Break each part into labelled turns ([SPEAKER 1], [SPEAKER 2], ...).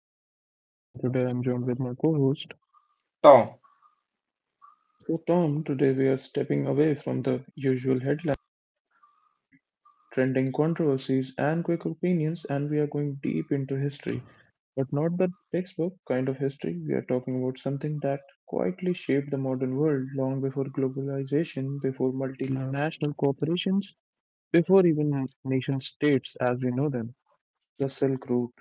[SPEAKER 1] I'm your host Persh, and today I'm joined with my co-host.
[SPEAKER 2] Tom,
[SPEAKER 1] So Tom, today we are stepping away from the usual headlines, trending controversies and quick opinions, and we are going deep into history. But not the textbook kind of history. We are talking about something that quietly shaped the modern world long before globalization, before multinational corporations, before even nation states as we know them. The Silk Route.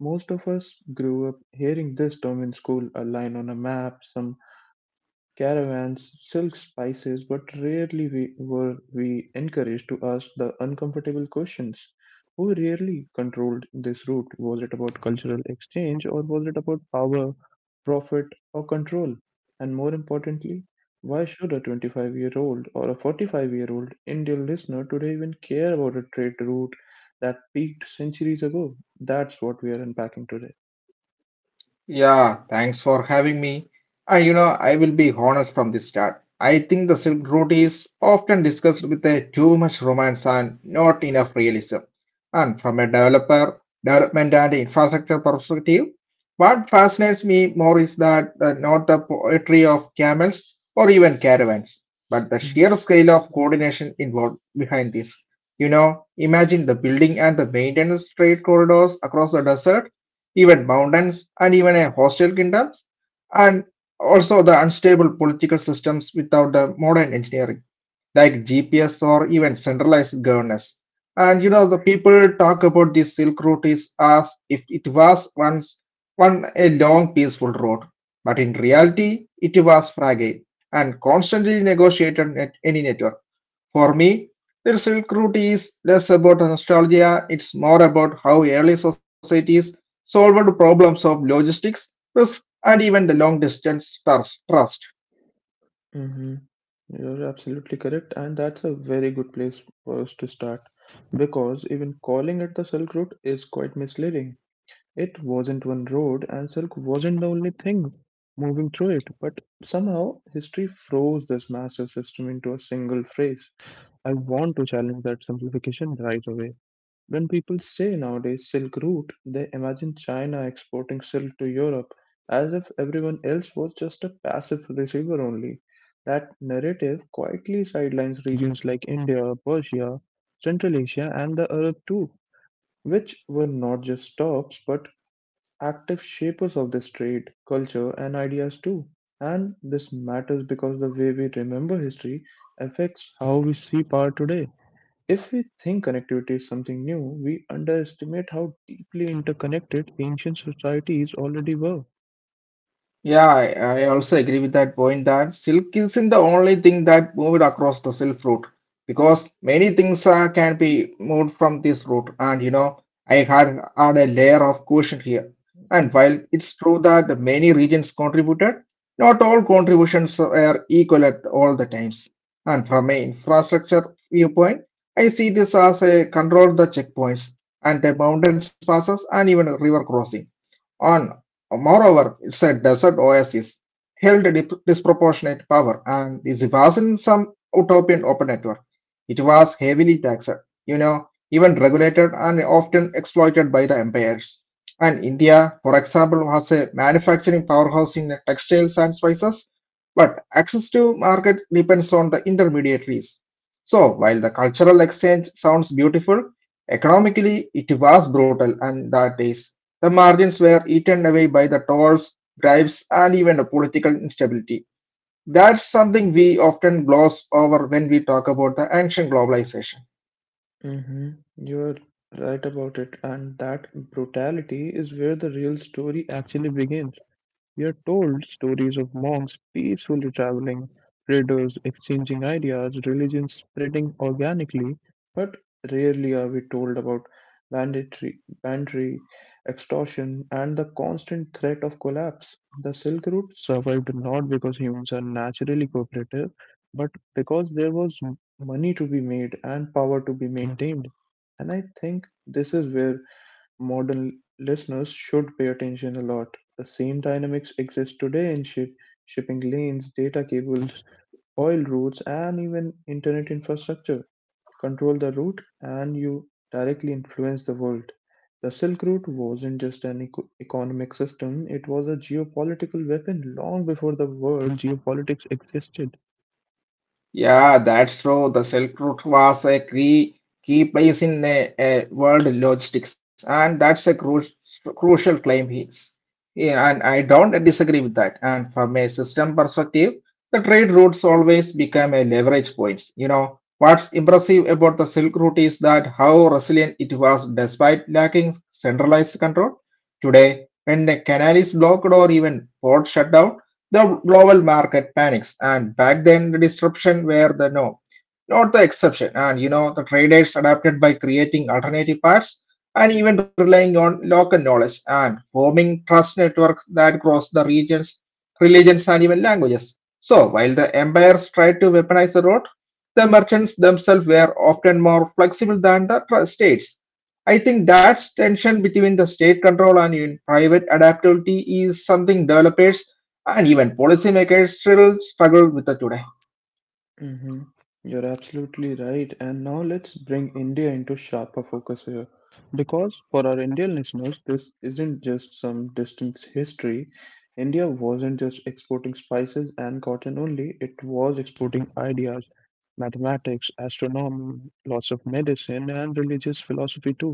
[SPEAKER 1] Most of us grew up hearing this term in school, a line on a map, some caravans, silk spices, but rarely we were we encouraged to ask the uncomfortable questions. Who really controlled this route? Was it about cultural exchange, or was it about power, profit, or control? And more importantly, why should a 25-year-old year old or a 45-year-old year old Indian listener today even care about a trade route that peaked centuries ago? That's what we are unpacking today.
[SPEAKER 2] yeah, thanks for having me. And you know, I will be honest from the start. I think the Silk Route is often discussed with a too much romance and not enough realism. And from a development and infrastructure perspective, what fascinates me more is that not the poetry of camels or even caravans, but the
[SPEAKER 1] Mm,
[SPEAKER 2] sheer scale of coordination involved behind this. You know, imagine the building and the maintenance trade corridors across the desert even mountains, and even a hostile kingdoms, and also the unstable political systems without the modern engineering, like GPS or even centralized governance. And you know, the people talk about this Silk Route is as if it was once one a long peaceful road, but in reality, it was fragile and constantly negotiated at any network. For me, the Silk Route is less about nostalgia, it's more about how early societies solved problems of logistics, risk, and even the long distance trust.
[SPEAKER 1] mhm. You're absolutely correct, and that's a very good place for us to start, because even calling it the Silk Route is quite misleading. It wasn't one road, and silk wasn't the only thing moving through it, but somehow history froze this massive system into a single phrase. I want to challenge that simplification right away. When people say nowadays Silk Route, they imagine China exporting silk to Europe as if everyone else was just a passive receiver only. That narrative quietly sidelines regions like India, Persia, Central Asia, and the Arab too, which were not just stops but active shapers of this trade, culture, and ideas too. And this matters because the way we remember history affects how we see power today. If we think connectivity is something new, we underestimate how deeply interconnected ancient societies already were.
[SPEAKER 2] Yeah, I also agree with that point that silk isn't the only thing that moved across the silk route because many things can be moved from this route. And you know, I had a layer of caution here. And while it's true that the many regions contributed, not all contributions are equal at all the times. And from an infrastructure viewpoint, I see this as a control the checkpoints and the mountains passes and even river crossing on moreover, it's a desert oasis held disproportionate power, and this wasn't some utopian open network. It was heavily taxed, you know, even regulated and often exploited by the empires. And India, for example, was a manufacturing powerhouse in textiles and spices, but access to market depends on the intermediaries. So while the cultural exchange sounds beautiful, economically it was brutal and that is the margins were eaten away by the tolls, bribes, and even the political instability. That's something we often gloss over when we talk about the ancient globalization.
[SPEAKER 1] Mm-hmm. You're right about it, and that brutality is where the real story actually begins. We are told stories of monks peacefully traveling, traders exchanging ideas, religion spreading organically, but rarely are we told about banditry, extortion, and the constant threat of collapse. The Silk Route survived not because humans are naturally cooperative, but because there was money to be made and power to be maintained. And I think this is where modern listeners should pay attention a lot. The same dynamics exist today in shipping lanes, data cables, oil routes, and even internet infrastructure. Control the route, and you directly influence the world. The Silk Route wasn't just an economic system, it was a geopolitical weapon long before the word geopolitics existed.
[SPEAKER 2] Yeah, that's true. The Silk Route was a key place in world logistics, and that's a crucial claim here. Yeah, and I don't disagree with that. And from a system perspective, the trade routes always become a leverage points. You know, what's impressive about the Silk Route is that how resilient it was despite lacking centralized control. Today, when the canal is blocked or even port shut down, the global market panics, and back then the disruption were the norm, not the exception. And you know, the traders adapted by creating alternative paths and even relying on local knowledge and forming trust networks that cross the regions, religions, and even languages. So, while the empires tried to weaponize the road, the merchants themselves were often more flexible than the states. I think that tension between the state control and even private adaptability is something developers and even policymakers still struggle with it today.
[SPEAKER 1] hmm You're absolutely right. And now let's bring India into sharper focus here. Because for our Indian listeners, this isn't just some distant history. India wasn't just exporting spices and cotton only, it was exporting ideas, mathematics, astronomy, lots of medicine, and religious philosophy too.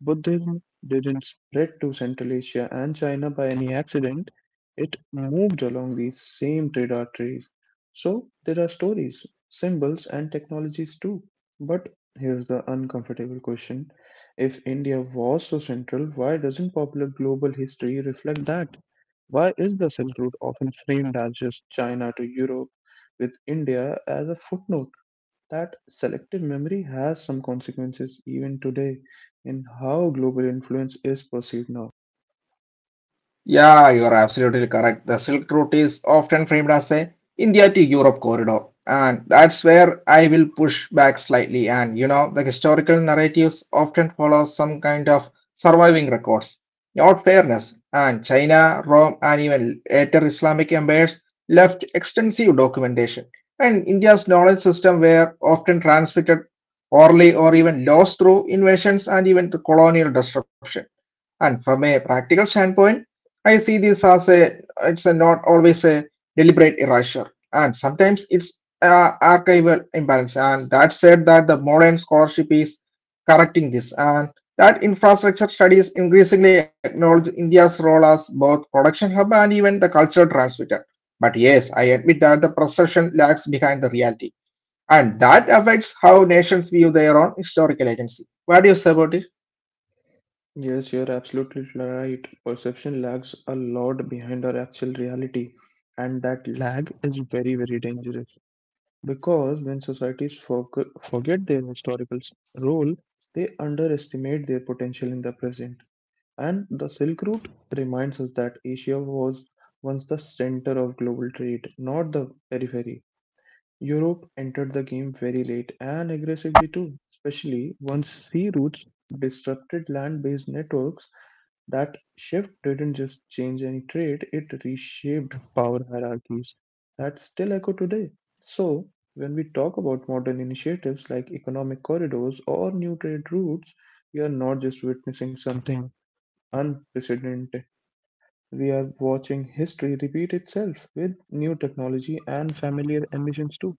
[SPEAKER 1] Buddhism didn't spread to Central Asia and China by any accident, it moved along these same trade arteries. So there are stories, symbols, and technologies too. But here's the uncomfortable question: if India was so central, why doesn't popular global history reflect that? Why is the Silk Route often framed as just China to Europe, with India as a footnote? That selective memory has some consequences even today in how global influence is perceived now.
[SPEAKER 2] Yeah, you are absolutely correct. The Silk Route is often framed as a India to Europe corridor, and that's where I will push back slightly. And you know, the historical narratives often follow some kind of surviving records, not fairness. And China, Rome, and even later Islamic empires left extensive documentation. And India's knowledge system were often transmitted orally or even lost through invasions and even the colonial disruption. And from a practical standpoint, I see this as a it's a not always a deliberate erasure, and sometimes it's archival imbalance. And that said, that the modern scholarship is correcting this, and that infrastructure studies increasingly acknowledge India's role as both production hub and even the cultural transmitter. But yes, I admit that the perception lags behind the reality, and that affects how nations view their own historical agency. What do you say about it?
[SPEAKER 1] Yes, you're absolutely right. Perception lags a lot behind our actual reality, and that lag is very, very dangerous because when societies forget their historical role, they underestimate their potential in the present. And the Silk Route reminds us that Asia was once the center of global trade, not the periphery. Europe entered the game very late and aggressively too, especially once sea routes disrupted land based networks. That shift didn't just change any trade, it reshaped power hierarchies that still echo today. So, when we talk about modern initiatives like economic corridors or new trade routes, we are not just witnessing something unprecedented. We are watching history repeat itself with new technology and familiar emissions too.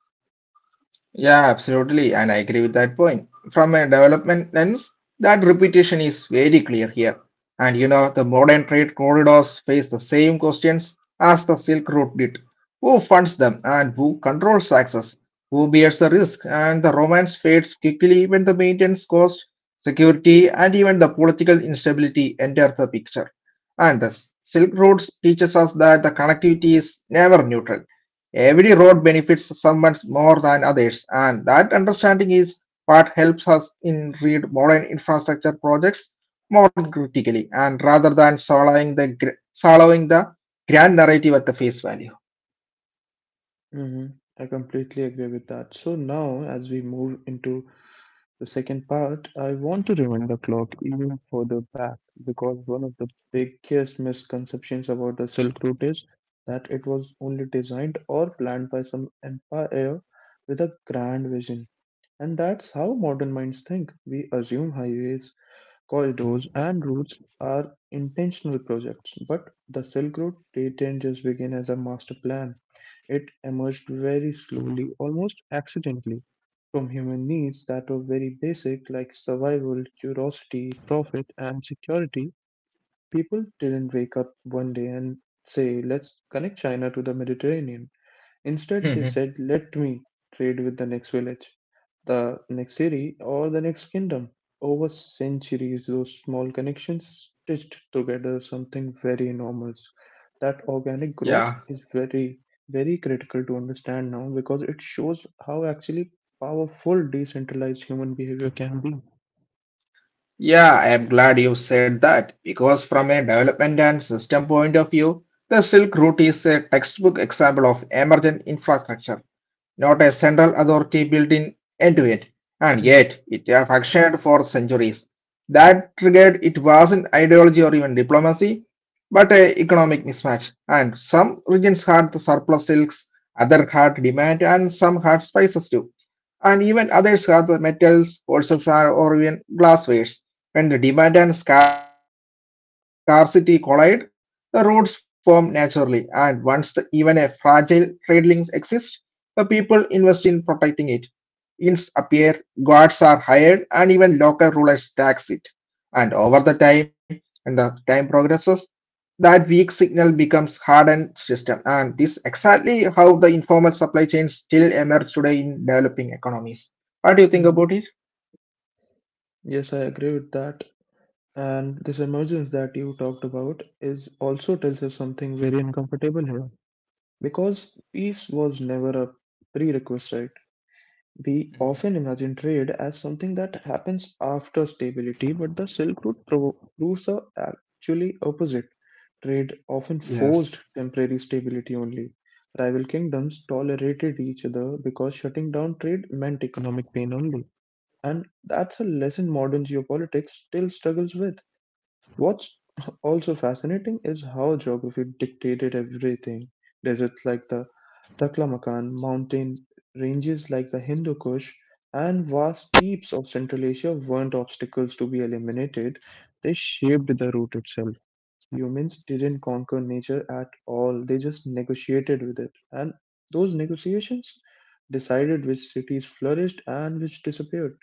[SPEAKER 2] Yeah, absolutely, and I agree with that point. From a development lens, that repetition is very clear here. And you know, the modern trade corridors face the same questions as the Silk Route did. Who funds them and who controls access? Who bears the risk? And the romance fades quickly when the maintenance cost, security, and even the political instability enter the picture. And the Silk Routes teaches us that the connectivity is never neutral. Every road benefits someone more than others, and that understanding is what helps us in read modern infrastructure projects more critically, and rather than swallowing the grand narrative at the face value.
[SPEAKER 1] hmm I completely agree with that. So now, as we move into the second part, I want to rewind the clock even further back, because one of the biggest misconceptions about the Silk Route is that it was only designed or planned by some empire with a grand vision. And that's how modern minds think. We assume highways, corridors and routes are intentional projects, but the Silk Road didn't just begin as a master plan. It emerged very slowly, almost accidentally, from human needs that were very basic, like survival, curiosity, profit, and security. People didn't wake up one day and say, let's connect China to the Mediterranean. Instead, they
[SPEAKER 2] Mhm.
[SPEAKER 1] said, let me trade with the next village, the next city, or the next kingdom. Over centuries, those small connections stitched together something very enormous. That organic
[SPEAKER 2] Yeah,
[SPEAKER 1] growth is very, very critical to understand now because it shows how actually powerful decentralized human behavior can be.
[SPEAKER 2] yeah, I am glad you said that because from a development and system point of view, the Silk Route is a textbook example of emergent infrastructure not a central authority built in end to end, and
[SPEAKER 1] Mhm,
[SPEAKER 2] yet it functioned for centuries. That triggered it wasn't ideology or even diplomacy, but a economic mismatch. And some regions had the surplus silks, other had demand, and some had spices too. And even others had the metals, horses, or even glasswares. When the demand and scarcity collide, the routes form naturally. And once the, even a fragile trade links exist, the people invest in protecting it. Inns appear, guards are hired, and even local rulers tax it. And over the time, and the time progresses, that weak signal becomes hardened system. And this exactly how the informal supply chains still emerge today in developing economies. What do you think
[SPEAKER 1] mhm.
[SPEAKER 2] about it?
[SPEAKER 1] Yes, I agree with that. And this emergence that you talked about is also tells us something very uncomfortable here, because peace was never a prerequisite. We
[SPEAKER 2] Hmm.
[SPEAKER 1] often imagine trade as something that happens after stability, but the Silk Route proves the actually opposite. Trade often
[SPEAKER 2] Yes.
[SPEAKER 1] forced temporary stability only. Rival kingdoms tolerated each other because shutting down trade meant economic pain only. And that's a lesson modern geopolitics still struggles with. What's also fascinating is how geography dictated everything. Deserts like the Taklamakan, mountain ranges like the Hindu Kush, and vast steppes of Central Asia weren't obstacles to be eliminated, they shaped the route itself. Humans didn't conquer nature at all, they just negotiated with it. And those negotiations decided which cities flourished and which disappeared.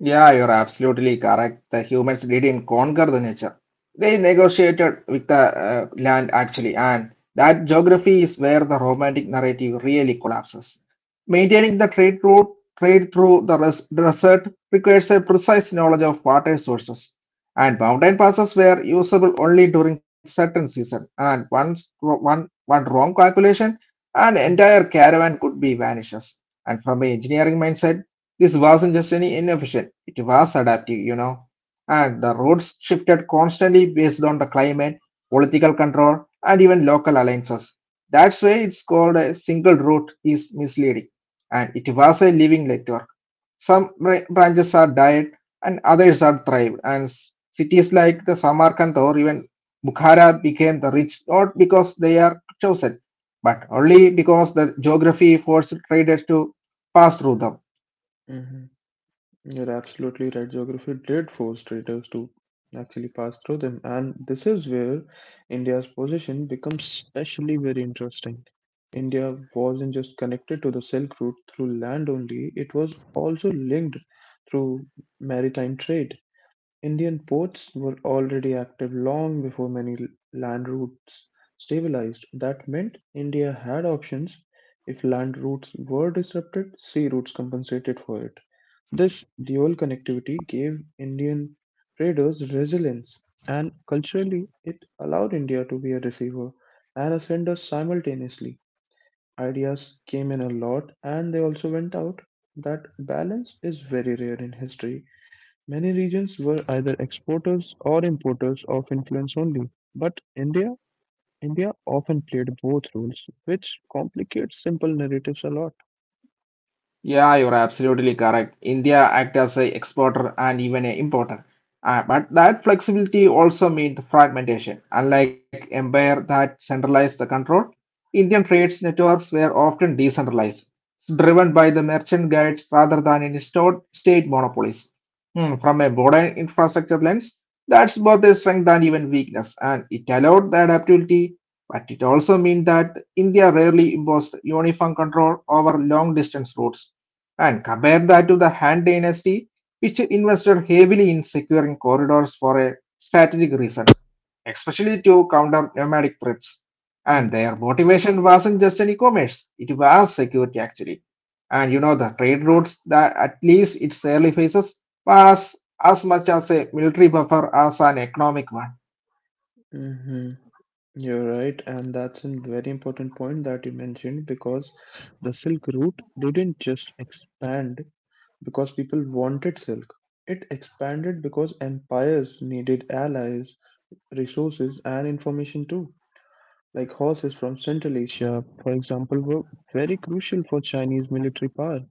[SPEAKER 2] Yeah, you're absolutely correct. The humans didn't conquer the nature. They negotiated with the land actually, and that geography is where the romantic narrative really collapses. Maintaining the trade through the desert requires a precise knowledge of water sources, and mountain passes were usable only during certain season. And once one wrong calculation, an entire caravan could be vanishes. And from an engineering mindset, this wasn't just any innovation, it was adaptive, you know. And the routes shifted constantly based on the climate, political control, and even local alliances. That's why it's called a single route is misleading. And it was a living network. Some branches are died and others are thrived. And cities like the Samarkand or even Bukhara became the rich not because they are chosen, but only because the geography forced traders to pass through them.
[SPEAKER 1] Mhm. You're absolutely right. Geography did force traders to actually pass through them, and this is where India's position becomes especially very interesting. India wasn't just connected to the Silk Route through land only, it was also linked through maritime trade. Indian ports were already active long before many land routes stabilized. That meant India had options. If land routes were disrupted, sea routes compensated for it. This dual connectivity gave Indian traders resilience, and culturally, it allowed India to be a receiver and a sender simultaneously. Ideas came in a lot and they also went out. That balance is very rare in history. Many regions were either exporters or importers of influence only, but India often played both roles, which complicates simple narratives a lot.
[SPEAKER 2] Yeah, you're absolutely correct. India act as a exporter and even a importer. But that flexibility also meant fragmentation. Unlike empire that centralized the control, Indian trade networks were often decentralized, driven by the merchant guilds rather than in state monopolies. Hmm, from a modern infrastructure lens, that's both a strength and even weakness, and it allowed the adaptability, but it also meant that India rarely imposed uniform control over long distance routes and compare that to the Han dynasty, which invested heavily in securing corridors for a strategic reason, especially to counter nomadic threats.
[SPEAKER 1] Mhm.
[SPEAKER 2] And their motivation wasn't just an e-commerce, it was security actually. And you know the trade routes that at least its early phases was as much as a military buffer as an economic one.
[SPEAKER 1] Mhm. You're right, and that's a very important point that you mentioned, because the Silk Route didn't just expand because people wanted silk. It expanded because empires needed allies, resources, and information too. Like horses from Central Asia, for example, were very crucial for Chinese military power.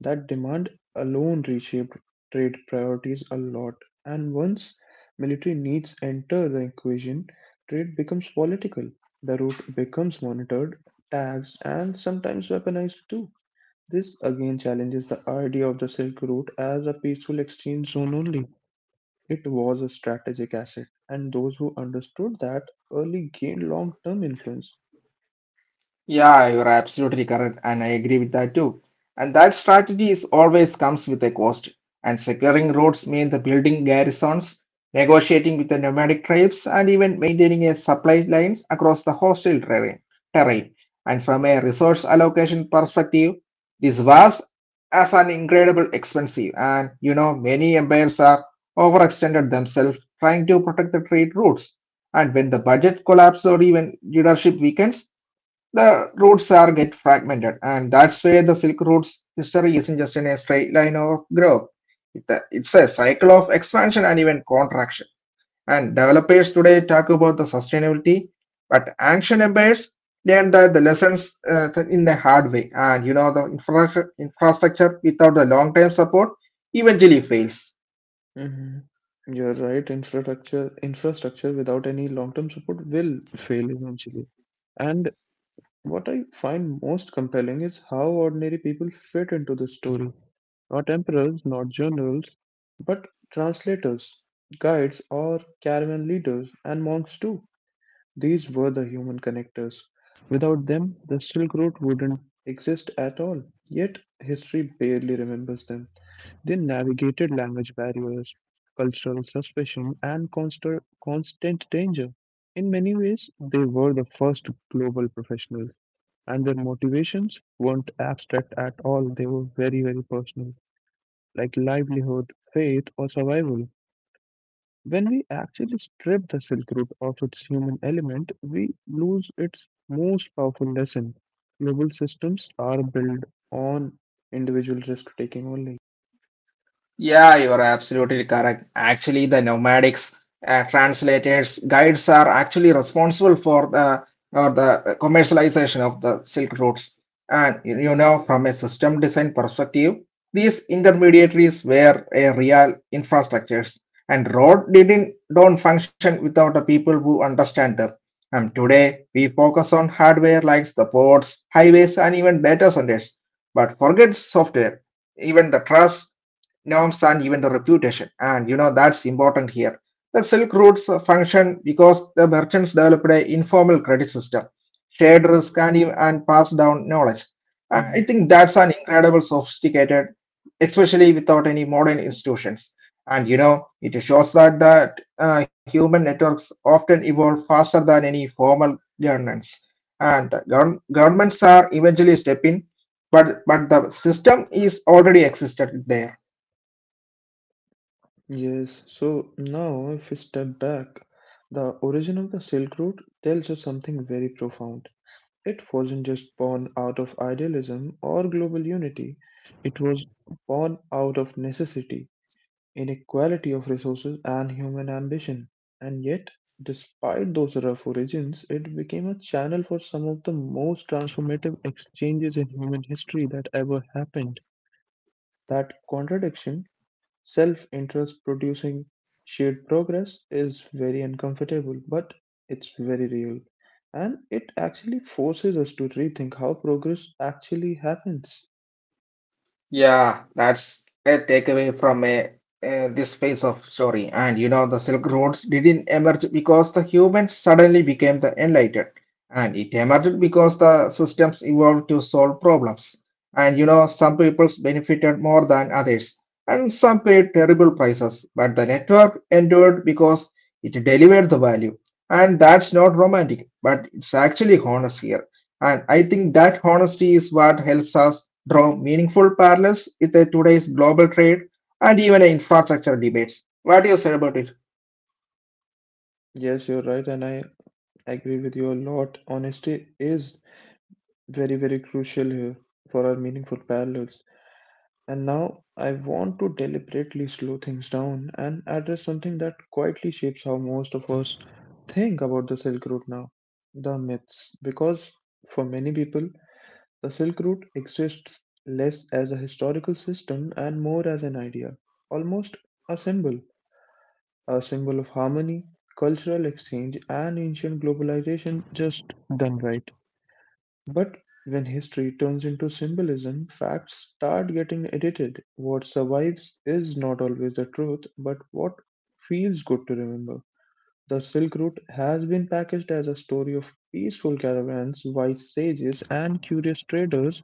[SPEAKER 1] That demand alone reshaped trade priorities a lot, and once military needs enter the equation, trade becomes political. The route becomes monitored, taxed, and sometimes weaponized too. This again challenges the idea of the Silk Route as a peaceful exchange zone only. It was a strategic asset, and those who understood that early gained long term influence.
[SPEAKER 2] Yeah, you're absolutely correct, and I agree with that too. And that strategy is always comes with a cost. And securing roads means the building garrisons, negotiating with the nomadic tribes, and even maintaining a supply lines across the hostile terrain. And from a resource allocation perspective, this was as an incredible expensive. And you know, many empires are overextended themselves trying to protect the trade routes. And when the budget collapses or even leadership weakens, the routes are get fragmented, and that's where the Silk Route's history isn't just in a straight line or growth. It's a cycle of expansion and even contraction. And developers today talk about the sustainability, but ancient empires learned that the lessons in the hard way. And you know, the infrastructure without the long-term support eventually fails.
[SPEAKER 1] hmm You're right. Infrastructure without any long-term support will fail eventually. And what I find most compelling is how ordinary people fit into the story. Not emperors, not generals, but translators, guides, or caravan leaders, and monks too. These were the human connectors. Without them, the Silk Road wouldn't exist at all. Yet, history barely remembers them. They navigated language barriers, cultural suspicion, and constant danger. In many ways, they were the first global professionals, and their motivations weren't abstract at all. They were very, very personal, like livelihood, faith, or survival. When we actually strip the Silk Route of its human element, we lose its most powerful lesson. Global systems are built on individual risk taking only.
[SPEAKER 2] Yeah, you are absolutely correct. Actually, the nomadics, translators, guides are actually responsible for the or the commercialization of the silk routes. And you know, from a system design perspective, these intermediaries were a real infrastructures, and road didn't don't function without the people who understand them. And today, we focus on hardware like the ports, highways, and even data centers, but forget software even the trust norms and even the reputation. And you know that's important here. The Silk Routes function because the merchants developed an informal credit system, shared risk and passed down knowledge. I think that's an incredible sophisticated, especially without any modern institutions. And you know, it shows that human networks often evolve faster than any formal governance. And governments are eventually stepping, but the system is already existed there.
[SPEAKER 1] Yes, so now if we step back, the origin of the Silk Road tells us something very profound. It wasn't just born out of idealism or global unity, it was born out of necessity, inequality of resources, and human ambition. And yet, despite those rough origins, it became a channel for some of the most transformative exchanges in human history that ever happened. That contradiction, self-interest producing shared progress, is very uncomfortable, but it's very real. And it actually forces us to rethink how progress actually happens.
[SPEAKER 2] Yeah, that's a takeaway from this phase of story. And you know, the Silk Roads didn't emerge because the humans suddenly became the enlightened, and it emerged because the systems evolved to solve problems. And you know, some peoples benefited more than others, and some paid terrible prices. But the network endured because it delivered the value, and that's not romantic, but it's actually honest here. And I think that honesty is what helps us draw meaningful parallels with today's global trade and even infrastructure debates. What do you say about it?
[SPEAKER 1] Yes, you're right, and I agree with you a lot. Honesty is very, very crucial here for our meaningful parallels. And now I want to deliberately slow things down and address something that quietly shapes how most of us think about the Silk Route now: the myths. Because for many people, the Silk Route exists less as a historical system and more as an idea, almost a symbol, a symbol of harmony, cultural exchange and ancient globalization just done right. But when history turns into symbolism, facts start getting edited. What survives is not always the truth, but what feels good to remember. The Silk Route has been packaged as a story of peaceful caravans, wise sages, and curious traders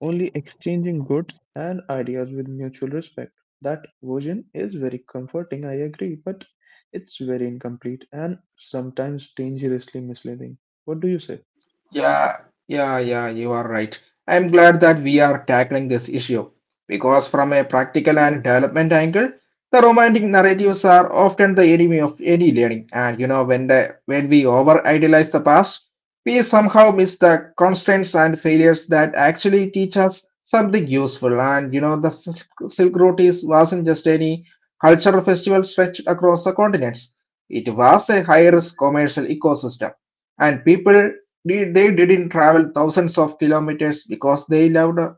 [SPEAKER 1] only exchanging goods and ideas with mutual respect. That version is very comforting, I agree, but it's very incomplete and sometimes dangerously misleading. What do you say?
[SPEAKER 2] Yeah, yeah, yeah, you are right. I'm glad that we are tackling this issue because, from a practical and development angle, the romantic narratives are often the enemy of any learning. And you know, when we over idealize the past, we somehow miss the constraints and failures that actually teach us something useful. And you know, the Silk Route is wasn't just any cultural festival stretched across the continents. It was a high-risk commercial ecosystem, and people they didn't travel thousands of kilometers because they loved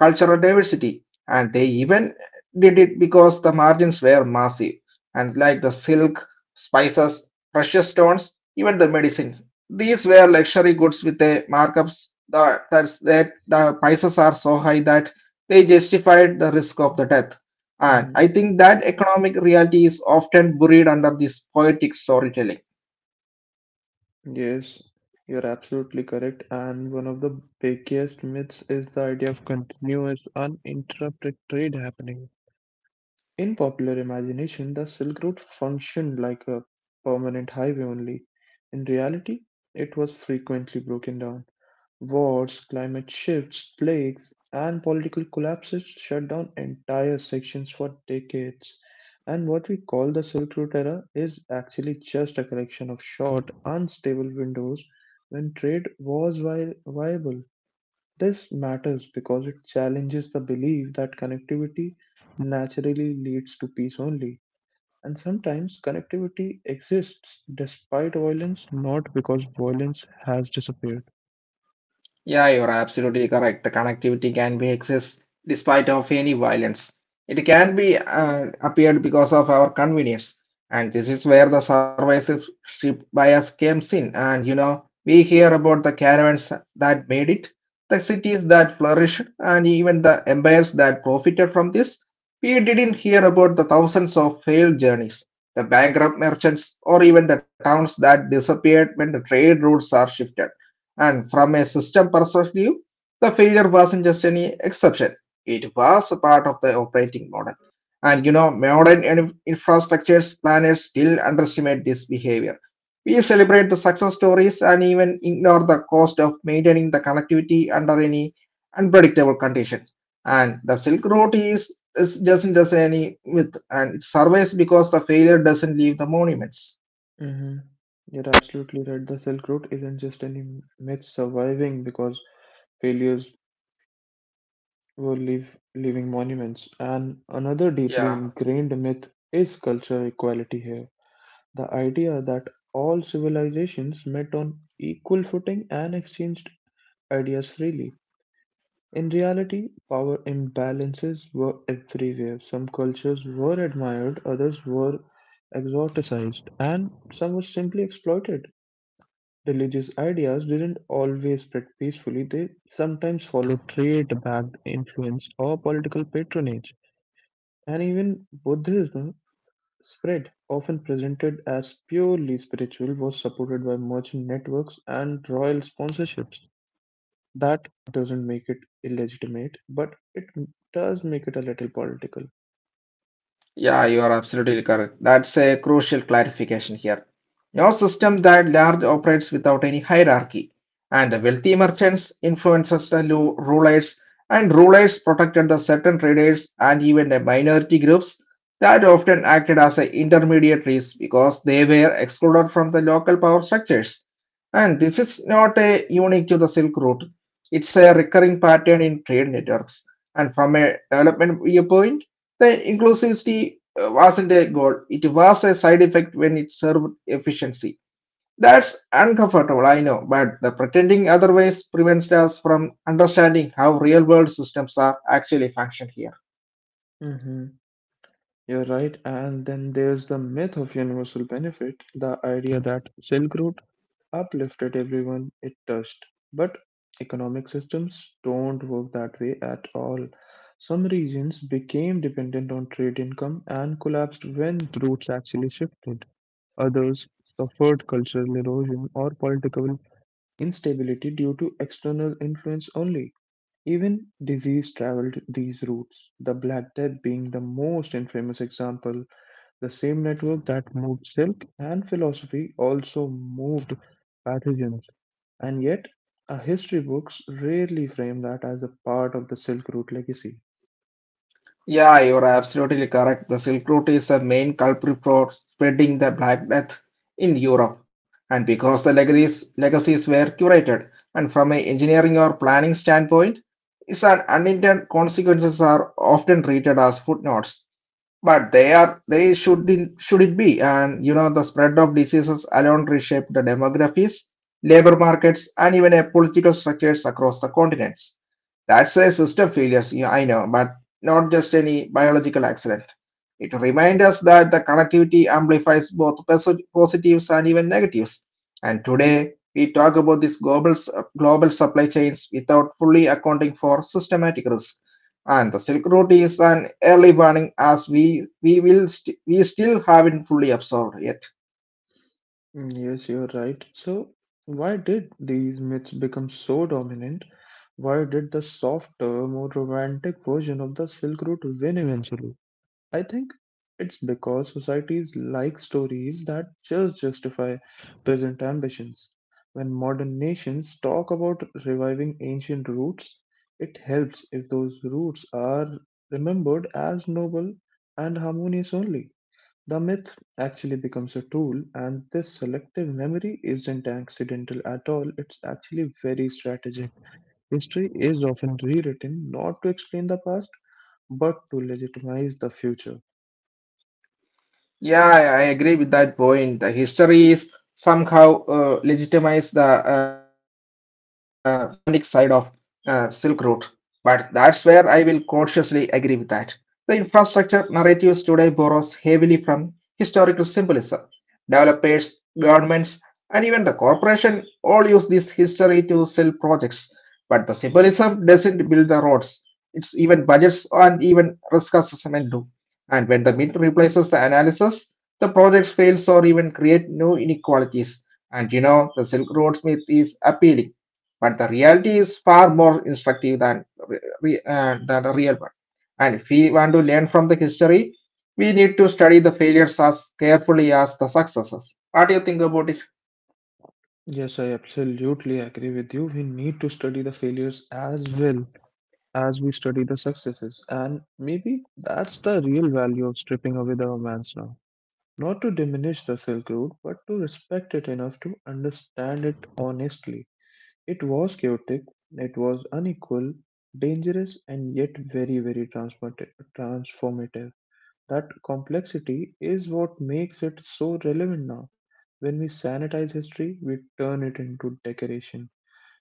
[SPEAKER 2] cultural diversity, and they even did it because the margins were massive. And like the silk, spices, precious stones, even the medicines, these were luxury goods with a markups that the prices are so high that they justified the risk of the death. And I think that economic reality is often buried under this poetic storytelling.
[SPEAKER 1] Yes, you're absolutely correct. And one of the biggest myths is the idea of continuous, uninterrupted trade happening. In popular imagination, the Silk Road functioned like a permanent highway only. In reality, it was frequently broken down. Wars, climate shifts, plagues, and political collapses shut down entire sections for decades. And what we call the Silk Route era is actually just a collection of short, unstable windows when trade was viable. This matters because it challenges the belief that connectivity naturally leads to peace only. And sometimes connectivity exists despite violence, not because violence has disappeared.
[SPEAKER 2] Yeah, you're absolutely correct. The connectivity can be accessed despite of any violence. It can be appeared because of our convenience, and this is where the survivorship bias comes in. And you know, we hear about the caravans that made it, the cities that flourished, and even the empires that profited from this. We didn't hear about the thousands of failed journeys, the bankrupt merchants, or even the towns that disappeared when the trade routes are shifted. And from a system perspective, the failure wasn't just any exception. It was a part of the operating model. And you know, modern infrastructures planners still underestimate this behavior. We celebrate the success stories and even ignore the cost of maintaining the connectivity under any unpredictable conditions. And the Silk Road is doesn't just any myth, and it survives because the failure doesn't leave the monuments.
[SPEAKER 1] Hmm. You're absolutely right. The Silk Road isn't just any myth surviving because failures were leaving monuments. And another deeply
[SPEAKER 2] Yeah.
[SPEAKER 1] ingrained myth is cultural equality here. The idea that all civilizations met on equal footing and exchanged ideas freely. In reality, power imbalances were everywhere. Some cultures were admired, others were exoticized, and some were simply exploited. Religious ideas didn't always spread peacefully, they sometimes followed trade backed influence or political patronage, and even Buddhism spread, often presented as purely spiritual, was supported by merchant networks and royal sponsorships. That doesn't make it illegitimate, but it does make it a little political.
[SPEAKER 2] Yeah, you are absolutely correct. That's a crucial clarification here. No system that large operates without any hierarchy, and the wealthy merchants influencers, the rulers, and rulers protected the certain traders and even the minority groups that often acted as a intermediaries because they were excluded from the local power structures. And this is not a unique to the Silk Route. It's a recurring pattern in trade networks. And from a development viewpoint. The inclusivity wasn't a goal, it was a side effect when it served efficiency. That's uncomfortable, I know, but the pretending otherwise prevents us from understanding how real world systems are actually function here.
[SPEAKER 1] Mm-hmm. You're right. And then there's the myth of universal benefit, the idea that Silk Road uplifted everyone it touched. But economic systems don't work that way at all. Some regions became dependent on trade income and collapsed when routes actually shifted. Others suffered cultural erosion or political instability due to external influence only. Even disease traveled these routes, the Black Death being the most infamous example. The same network that moved silk and philosophy also moved pathogens, and yet, history books rarely frame that as a part of the Silk Route legacy.
[SPEAKER 2] Yeah, you're absolutely correct. The Silk Route is the main culprit for spreading the Black Death in Europe. And because the legacies were curated, and from an engineering or planning standpoint, its an unintended consequences are often treated as footnotes. But they are they should should it be. And you know, the spread of diseases alone reshape the demographies, labor markets, and even a political structures across the continents. That's a system failures, yeah, I know, but not just any biological accident. It reminds us that the connectivity amplifies both positives and even negatives. And today, we talk about these global supply chains without fully accounting for systematic risk. And the Silk Route is an early warning as we still haven't fully absorbed.
[SPEAKER 1] Mm, yes, you're right. So, why did these myths become so dominant? Why did the softer, more romantic version of the Silk Route win eventually? I think it's because societies like stories that just justify present ambitions. When modern nations talk about reviving ancient roots, it helps if those roots are remembered as noble and harmonious only. The myth actually becomes a tool, and this selective memory isn't accidental at all, it's actually very strategic. History is often rewritten not to explain the past, but to legitimize the future.
[SPEAKER 2] Yeah, I agree with that point. The history is somehow legitimized the romantic side of Silk Road, but that's where I will cautiously agree with that. The infrastructure narratives today borrows heavily from historical symbolism. Developers, governments, and even the corporation all use this history to sell projects, but the symbolism doesn't build the roads. It's even budgets and even risk assessment do. And when the myth replaces the analysis, the project fails or even create new inequalities. And you know, the Silk Road myth is appealing, but the reality is far more instructive than, than the real one. And if we want to learn from the history, we need to study the failures as carefully as the successes. What do you think about it?
[SPEAKER 1] Yes, I absolutely agree with you. We need to study the failures as well as we study the successes. And maybe that's the real value of stripping away the romance now. Not to diminish the Silk Road, but to respect it enough to understand it honestly. It was chaotic, it was unequal, dangerous, and yet very, very transformative. That complexity is what makes it so relevant now. When we sanitize history, we turn it into decoration.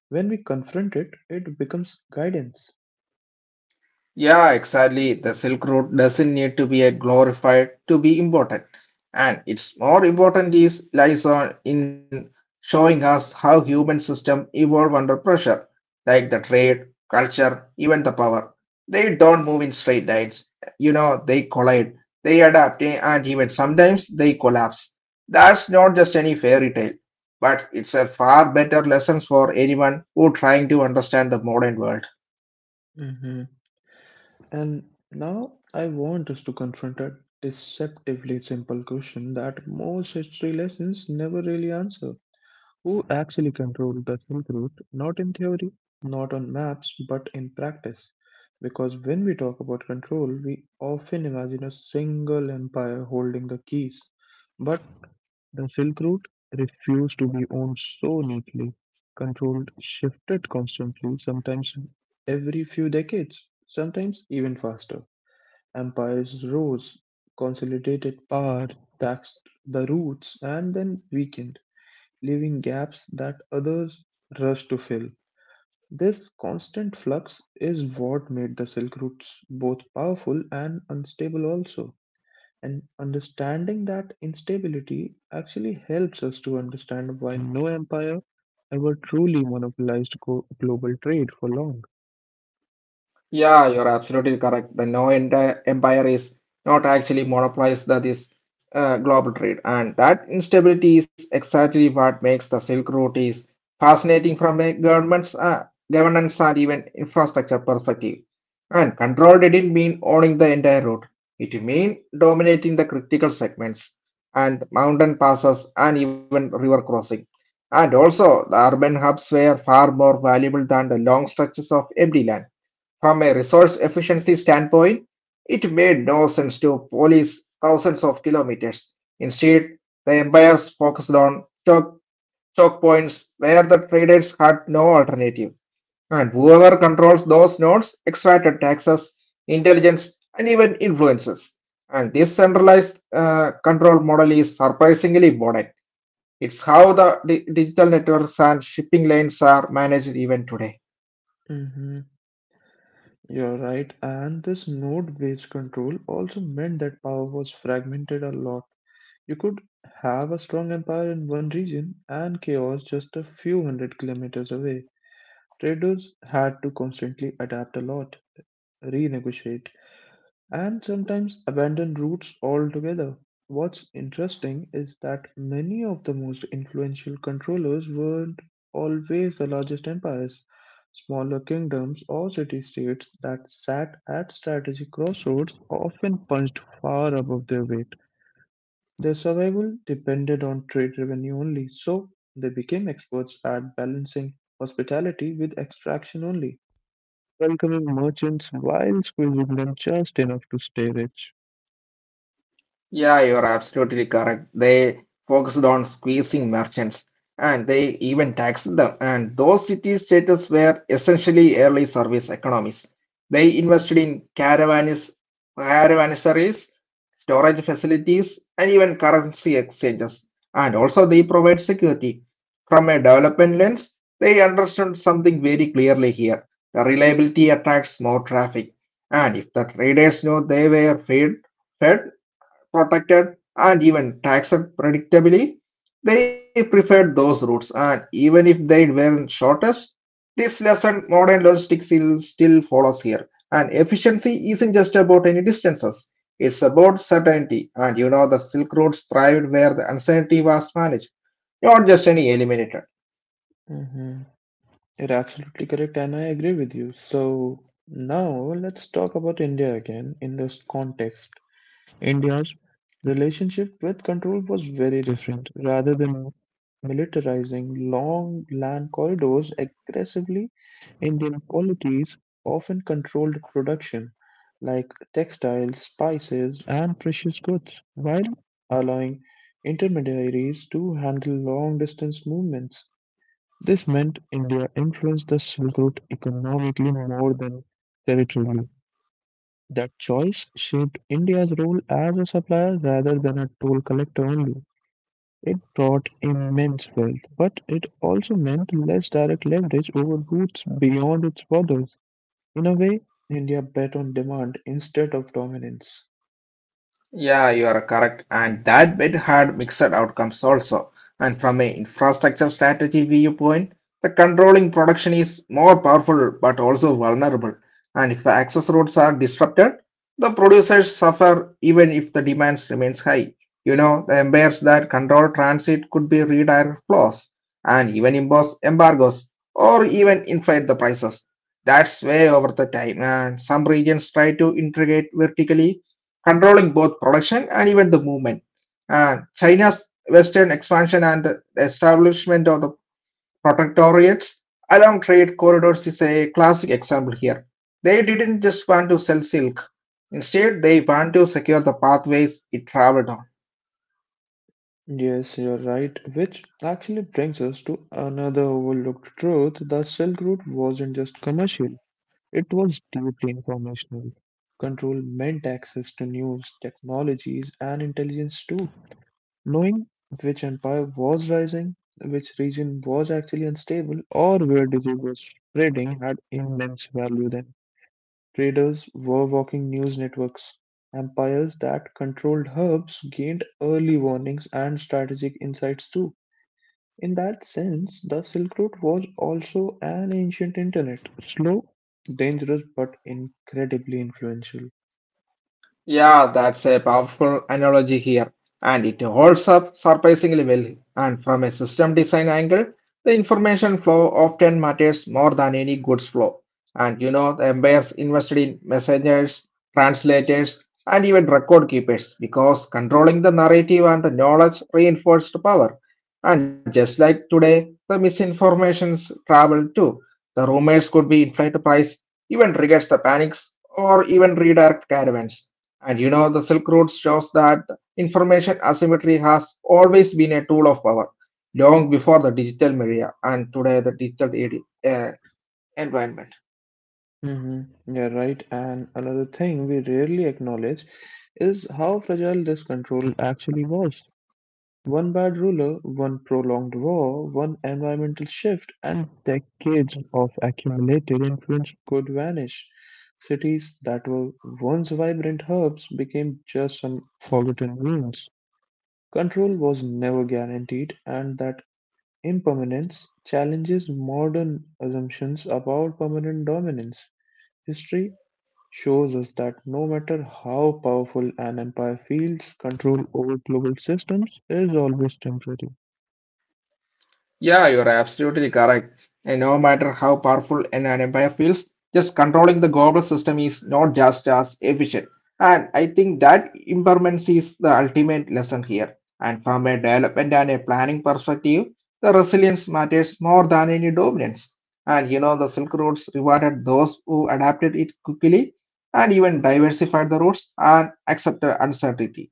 [SPEAKER 1] When we confront it, it becomes guidance.
[SPEAKER 2] Yeah, exactly. The Silk Road doesn't need to be a glorified to be important. And it's more important is lies on in showing us how human system evolve under pressure, like the trade, culture, even the power. They don't move in straight lines. You know, they collide, they adapt, and even sometimes they collapse. That's not just any fairy tale, but it's a far better lesson for anyone who trying to understand the modern world.
[SPEAKER 1] Hmm. And now I want us to confront a deceptively simple question that most history lessons never really answer. Who actually controlled the Silk Route? Not in theory, not on maps, but in practice. Because when we talk about control, we often imagine a single empire holding the keys. But the Silk Route refused to be owned so neatly. Control shifted constantly, sometimes every few decades, sometimes even faster. Empires rose, consolidated power, taxed the routes, and then weakened, leaving gaps that others rushed to fill. This constant flux is what made the Silk Routes both powerful and unstable also. And understanding that instability actually helps us to understand why no empire ever truly monopolized global trade for long.
[SPEAKER 2] Yeah, you're absolutely correct. The No end empire is not actually monopolized that is global trade, and that instability is exactly what makes the Silk Route is fascinating from a government's governance and even infrastructure perspective. And control didn't mean owning the entire route; it meant dominating the critical segments and mountain passes and even river crossing. And also, the urban hubs were far more valuable than the long stretches of empty land. From a resource efficiency standpoint, it made no sense to police thousands of kilometers. Instead, the empires focused on choke points where the traders had no alternative. And whoever controls those nodes extracted taxes, intelligence, and even influences. And this centralized control model is surprisingly modern. It's how the digital networks and shipping lanes are managed even today.
[SPEAKER 1] Hmm. You're right. And this node based control also meant that power was fragmented a lot. You could have a strong empire in one region and chaos just a few hundred kilometers away. Traders had to constantly adapt a lot, renegotiate, and sometimes abandon roots altogether. What's interesting is that many of the most influential controllers weren't always the largest empires. Smaller kingdoms or city states that sat at strategic crossroads often punched far above their weight. Their survival depended on trade revenue only, so they became experts at balancing hospitality with extraction only, welcoming merchants while squeezing them just enough to stay rich.
[SPEAKER 2] Yeah, you're absolutely correct. They focused on squeezing merchants and they even taxed them. And those city states were essentially early service economies. They invested in caravansaries, storage facilities, and even currency exchanges. And also, they provide security. From a development lens, they understood something very clearly here. The reliability attracts more traffic. And if the traders knew they were fed, protected, and even taxed predictably, they preferred those routes. And even if they weren't shortest, this lesson modern logistics still follows here. And efficiency isn't just about any distances, it's about certainty. And you know, the Silk Roads thrived where the uncertainty was managed, not just any eliminated.
[SPEAKER 1] Mm-hmm. You're absolutely correct, and I agree with you. So now let's talk about India again in this context. India's relationship with control was very different. Rather than militarizing long land corridors aggressively, Indian polities often controlled production, like textiles, spices, and precious goods, while allowing intermediaries to handle long distance movements. This meant India influenced the Silk Route economically more than territorially. That choice shaped India's role as a supplier rather than a toll collector only. It brought immense wealth, but it also meant less direct leverage over routes beyond its borders. In a way, India bet on demand instead of dominance.
[SPEAKER 2] Yeah, you are correct. And that bid had mixed outcomes also. And from an infrastructure strategy viewpoint, the controlling production is more powerful but also vulnerable. And if access routes are disrupted, the producers suffer even if the demands remains high. You know, the empires that control transit could be redirect flows and even impose embargoes or even inflate the prices. That's way over the time. And some regions try to integrate vertically controlling both production and even the movement. And China's western expansion and the establishment of the protectorates along trade corridors is a classic example here. They didn't just want to sell silk. Instead, they want to secure the pathways it traveled on.
[SPEAKER 1] Yes, you're right, which actually brings us to another overlooked truth. The Silk Route wasn't just commercial, it was deeply informational. Control meant access to news, technologies, and intelligence too. Knowing which empire was rising, which region was actually unstable, or where disease was spreading had immense value then. Traders were walking news networks. Empires that controlled hubs gained early warnings and strategic insights too. In that sense, the Silk Route was also an ancient internet. Slow, dangerous, but incredibly influential.
[SPEAKER 2] Yeah, that's a powerful analogy here, and it holds up surprisingly well. And from a system design angle, the information flow often matters more than any goods flow. And you know, the empires invested in messengers, translators, and even record keepers because controlling the narrative and the knowledge reinforced power. And just like today, the misinformations travel too. The rumors could be inflate the price, even triggers the panics, or even redirect caravans. And you know, the Silk Road shows that information asymmetry has always been a tool of power, long before the digital media and today the environment.
[SPEAKER 1] Mm-hmm. Yeah, right. And another thing we rarely acknowledge is how fragile this control actually was. One bad ruler, one prolonged war, one environmental shift, and decades of accumulated influence could vanish. Cities that were once vibrant hubs became just some forgotten ruins. Control was never guaranteed, and that impermanence challenges modern assumptions about permanent dominance. History shows us that no matter how powerful an empire feels, control over global systems is always temporary.
[SPEAKER 2] Yeah, you're absolutely correct. And no matter how powerful an empire feels, just controlling the global system is not just as efficient. And I think that impermanence is the ultimate lesson here. And from a development and a planning perspective, the resilience matters more than any dominance. And you know, the Silk Roads rewarded those who adapted it quickly and even diversified the routes and accepted uncertainty.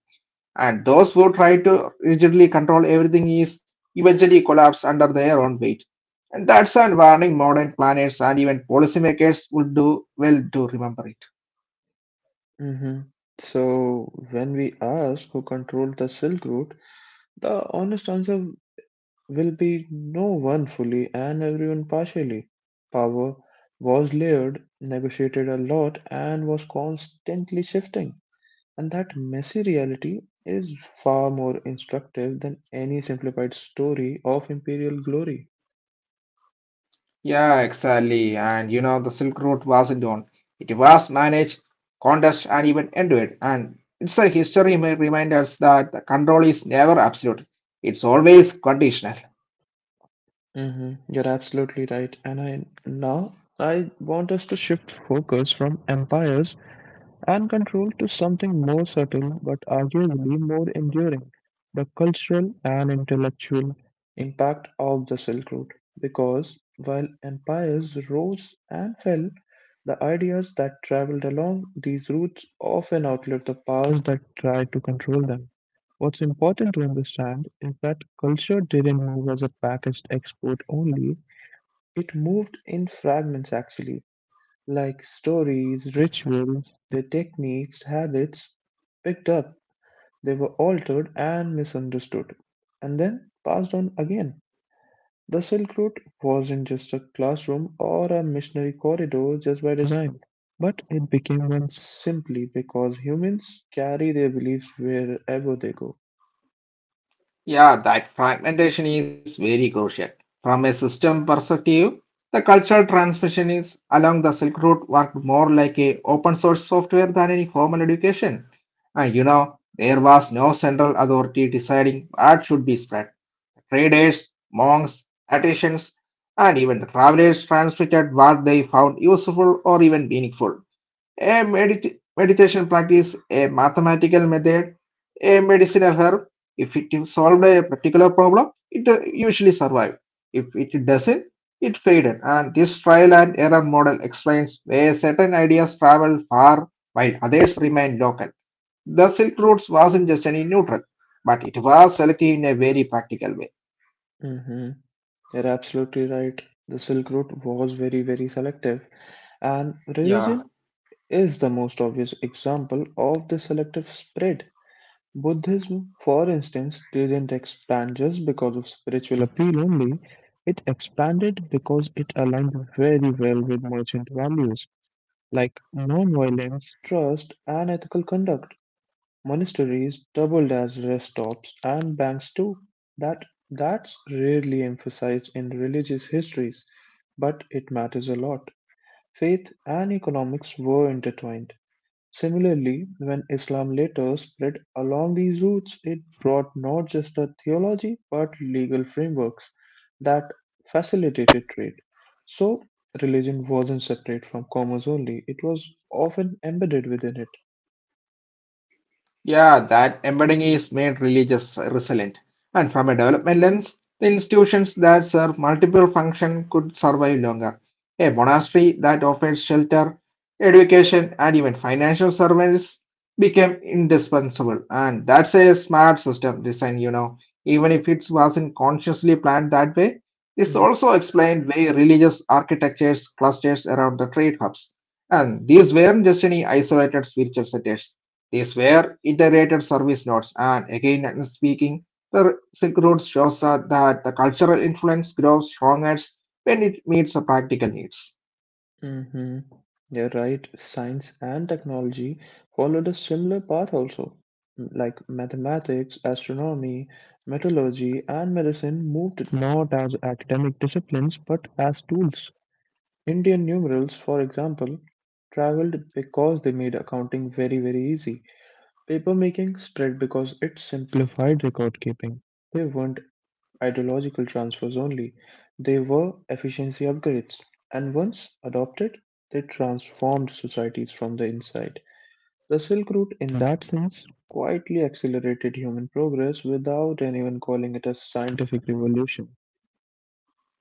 [SPEAKER 2] And those who try to rigidly control everything is eventually collapse under their own weight. And that's a warning modern planners and even policymakers would do well to remember it.
[SPEAKER 1] Hmm. So, when we ask who controlled the Silk Route, the honest answer will be no one fully and everyone partially. Power was layered, negotiated a lot, and was constantly shifting. And that messy reality is far more instructive than any simplified story of imperial glory.
[SPEAKER 2] Yeah, exactly. And you know, the Silk Route wasn't on. It was managed, contested, and even endured. And it's a history may remind us that the control is never absolute. It's always conditional.
[SPEAKER 1] Hmm. You're absolutely right. And I now I want us to shift focus from empires and control to something more subtle but arguably more enduring, the cultural and intellectual impact of the Silk Road. Because while empires rose and fell, the ideas that traveled along these routes often outlived the powers that tried to control them. What's important to understand is that culture didn't move as a packaged export only, it moved in fragments actually, like stories, rituals, their techniques, habits picked up, they were altered and misunderstood, and then passed on again. The Silk Route wasn't just a classroom or a missionary corridor just by design, but it became one simply because humans carry their beliefs wherever they go.
[SPEAKER 2] Yeah, that fragmentation is very crucial. From a system perspective, the cultural transmission is along the Silk Route worked more like a open source software than any formal education. And you know, there was no central authority deciding what should be spread. Traders, monks, artisans, and even travelers transmitted what they found useful or even meaningful. A meditation practice, a mathematical method, a medicinal herb. If it solved a particular problem, it usually survived. If it doesn't, it faded. And this trial and error model explains where certain ideas travel far while others remain local. The Silk Route wasn't just any neutral, but it was selective in a very practical way.
[SPEAKER 1] Mm-hmm. You're absolutely right. The Silk Route was very, very selective, and religion
[SPEAKER 2] Yeah,
[SPEAKER 1] is the most obvious example of the selective spread. Buddhism, for instance, didn't expand just because of spiritual appeal only, it expanded because it aligned very well with merchant values like nonviolence, trust, and ethical conduct. Monasteries doubled as rest stops and banks too. That that's rarely emphasized in religious histories, but it matters a lot. Faith and economics were intertwined. Similarly, when Islam later spread along these routes, it brought not just a theology but legal frameworks that facilitated trade. So, religion wasn't separate from commerce only, it was often embedded within it.
[SPEAKER 2] Yeah, that embedding is made religious resilient. And from a development lens, the institutions that serve multiple functions could survive longer. A monastery that offered shelter, education, and even financial service became indispensable. And that's a smart system design, you know. Even if it wasn't consciously planned that way, this also explained why religious architectures clusters around the trade hubs. And these weren't just any isolated spiritual centers. These were iterated service notes, and again and speaking, the Silk Road shows that the cultural influence grows strongest when it meets the practical needs.
[SPEAKER 1] Mm-hmm. You're right. Science and technology followed a similar path also. Like mathematics, astronomy, metallurgy, and medicine moved not as academic disciplines but as tools. Indian numerals, for example, travelled because they made accounting very very easy. Papermaking spread because it simplified record keeping. They weren't ideological transfers only, they were efficiency upgrades. And once adopted, they transformed societies from the inside. The Silk Route, in that sense, quietly accelerated human progress without anyone calling it a scientific revolution.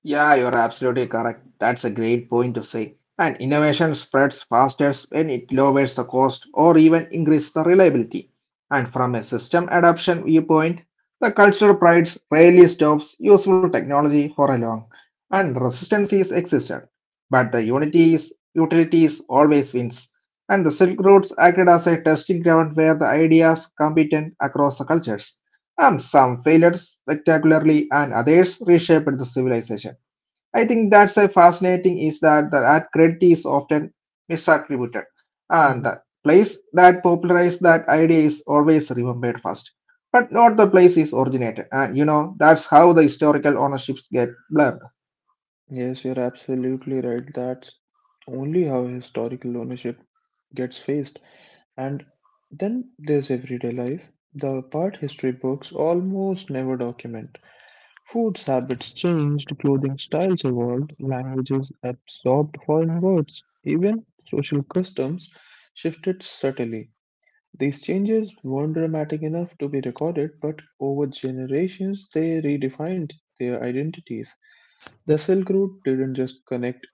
[SPEAKER 2] Yeah, you're absolutely correct. That's a great point to say. And innovation spreads fastest when it lowers the cost or even increases the reliability. And from a system adoption viewpoint, the cultural prides rarely stops useful technology for a long, and resistance is existent. But the unity is utilities always wins. And the Silk Roads acted as a testing ground where the ideas competent across the cultures. Some failed spectacularly and others reshaped the civilization. I think that's a fascinating is that the art credit is often misattributed, and the place that popularized that idea is always remembered first, but not the place is originated. And you know that's how the historical ownerships get blurred.
[SPEAKER 1] Yes, you're absolutely right. That's only how historical ownership gets faced. And then there's everyday life, the part history books almost never document. Foods habits changed, clothing styles evolved, languages absorbed foreign words, even social customs shifted subtly. These changes weren't dramatic enough to be recorded, but over generations they redefined their identities. The Silk Route didn't just connect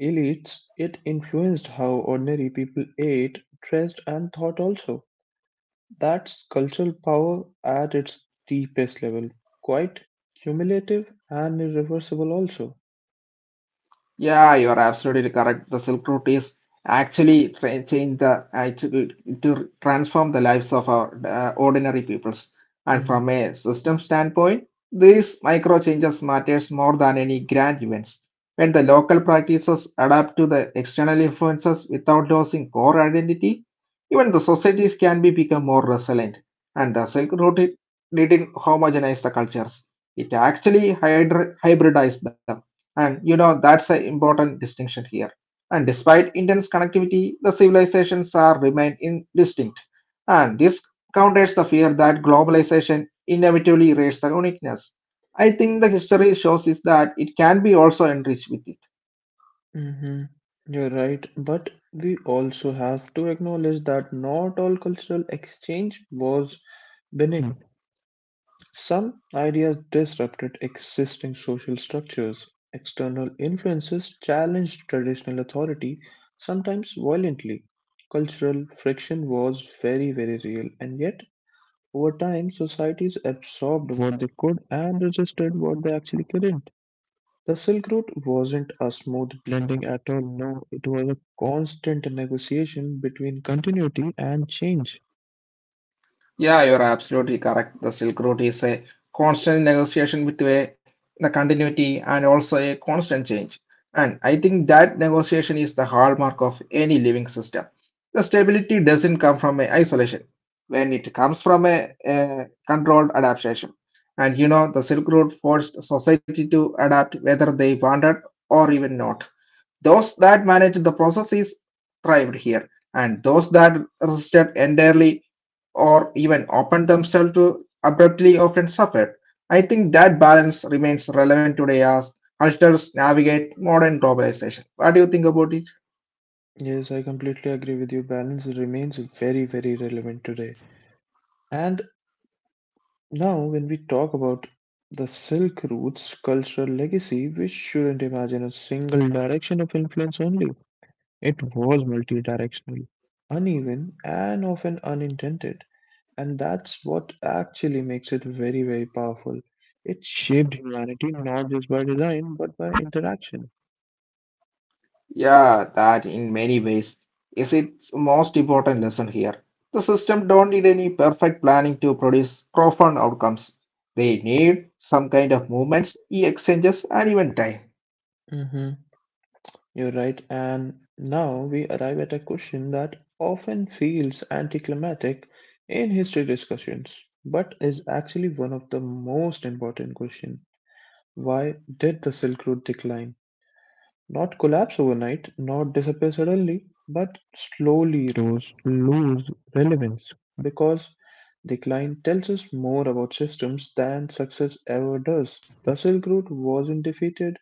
[SPEAKER 1] elites, it influenced how ordinary people ate, dressed, and thought also. That's cultural power at its deepest level, quite cumulative and irreversible also.
[SPEAKER 2] Yeah, you are absolutely correct. The Silk Route is actually change the actually to transform the lives of our ordinary peoples. And
[SPEAKER 1] hmm
[SPEAKER 2] from a system standpoint, these micro changes matters more than any grand events. When the local practices adapt to the external influences without losing core identity, even the societies can be become more resilient. And the Silk Route it didn't homogenize the cultures; it actually hybridized them and you know, that's an important distinction here. And despite intense connectivity, the civilizations are remain indistinct. And this counters the fear that globalization inevitably erases the uniqueness. I think the history shows is that it can be also enriched with it.
[SPEAKER 1] hmm. You're right, but we also have to acknowledge that not all cultural exchange was benign. Some ideas disrupted existing social structures; external influences challenged traditional authority, sometimes violently. Cultural friction was very, very real, and yet, over time, societies absorbed what they could and resisted what they actually couldn't. The Silk Route wasn't a smooth blending at all, no, it was a constant negotiation between continuity and change.
[SPEAKER 2] Yeah, you're absolutely correct. The Silk Road is a constant negotiation with the continuity and also a constant change. And I think that negotiation is the hallmark of any living system. The stability doesn't come from a isolation, when it comes from a controlled adaptation. And you know, the Silk Road forced society to adapt whether they wanted or even not. Those that managed the processes thrived here, and those that resisted entirely or even open themselves to abruptly often suffered. I think that balance remains relevant today as cultures navigate modern globalization. What do you think about it?
[SPEAKER 1] Yes, I completely agree with you. Balance remains very, very relevant today. And now, when we talk about the Silk Route's cultural legacy, we shouldn't imagine a single direction of influence only. It was multidirectional, uneven, and often unintended. And that's what actually makes it very, very powerful. It shaped humanity not just by design, but by interaction.
[SPEAKER 2] Yeah, that in many ways is its most important lesson here. The system don't need any perfect planning to produce profound outcomes. They need some kind of movements, e exchanges, and even time.
[SPEAKER 1] Mhm. You're right, and now we arrive at a question that often feels anticlimactic in history discussions, but is actually one of the most important questions. Why did the Silk Road decline? Not collapse overnight, not disappear suddenly, but slowly rose, lose relevance. Because decline tells us more about systems than success ever does. The Silk Road wasn't defeated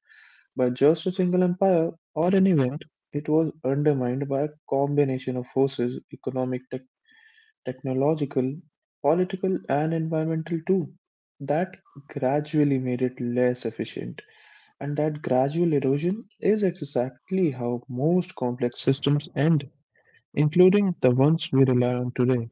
[SPEAKER 1] by just a single empire or an event, it was undermined by a combination of forces economic, technological, political, and environmental too that gradually made it less efficient. And that gradual erosion is exactly how most complex systems end, including the ones we rely on today.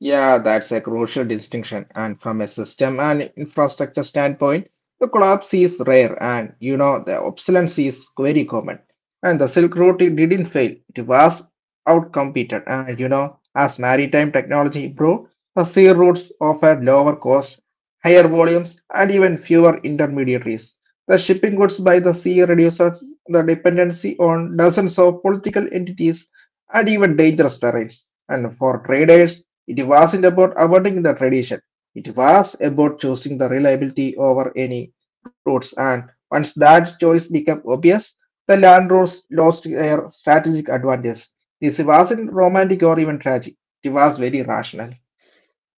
[SPEAKER 2] Yeah, that's a crucial distinction. And from a system and infrastructure standpoint, the collapse is rare and you know the obsolescence is very common. And the Silk Road it didn't fail. It was outcompeted. And you know, as maritime technology improved, the sea routes offered lower cost, higher volumes, and even fewer intermediaries. The shipping goods by the sea reduces the dependency on dozens of political entities and even dangerous terrains. And for traders, it wasn't about avoiding the tradition. It was about choosing the reliability over any routes. And once that choice became obvious, the landlords lost their strategic advantage. This wasn't romantic or even tragic. It was very rational.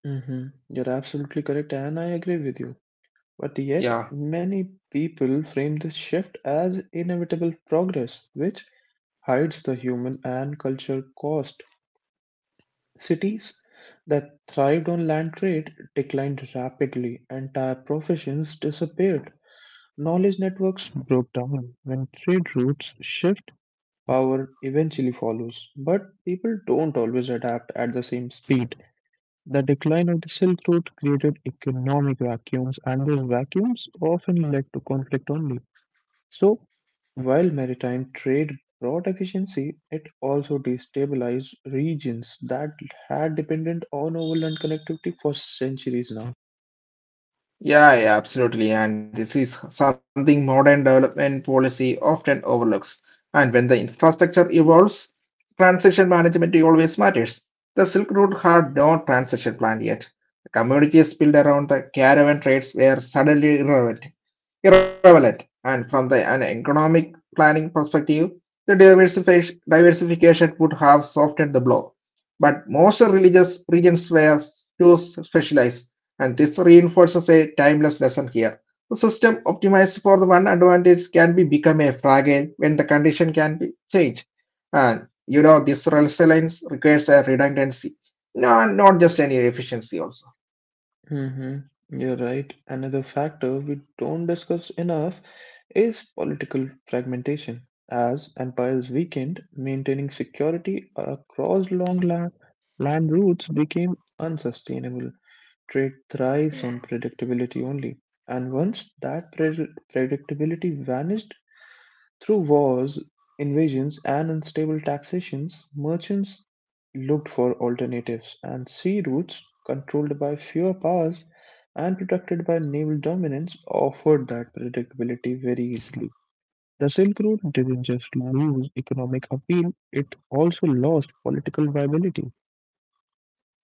[SPEAKER 1] Hmm. You're absolutely correct, and I agree with you. But yet,
[SPEAKER 2] Yeah.
[SPEAKER 1] many people frame this shift as inevitable progress, which hides the human and cultural cost. Cities that thrived on land trade declined rapidly, entire professions disappeared. Knowledge networks broke down. When trade routes shift, power eventually follows. But people don't always adapt at the same speed. The decline of the Silk Road created economic vacuums, and those vacuums often led to conflict only. So, while maritime trade brought efficiency, it also destabilized regions that had depended on overland connectivity for centuries now.
[SPEAKER 2] Yeah, absolutely. And this is something modern development policy often overlooks. And when the infrastructure evolves, transition management always matters. The Silk Road had no transition plan yet. The communities built around the caravan trades were suddenly irrelevant, and from an economic planning perspective, the diversification would have softened the blow. But most religious regions were too specialized, and this reinforces a timeless lesson here. The system optimized for the one advantage can be become a fragile when the condition can be changed. And you know, this resilience requires a redundancy, no, not just any efficiency also.
[SPEAKER 1] Hmm. You're right. Another factor we don't discuss enough is political fragmentation. As empires weakened, maintaining security across long land routes became unsustainable. Trade thrives on predictability only, and once that predictability vanished through wars, invasions, and unstable taxations, merchants looked for alternatives, and sea routes controlled by fewer powers and protected by naval dominance offered that predictability very easily. The Silk Road didn't just lose economic appeal, it also lost political viability.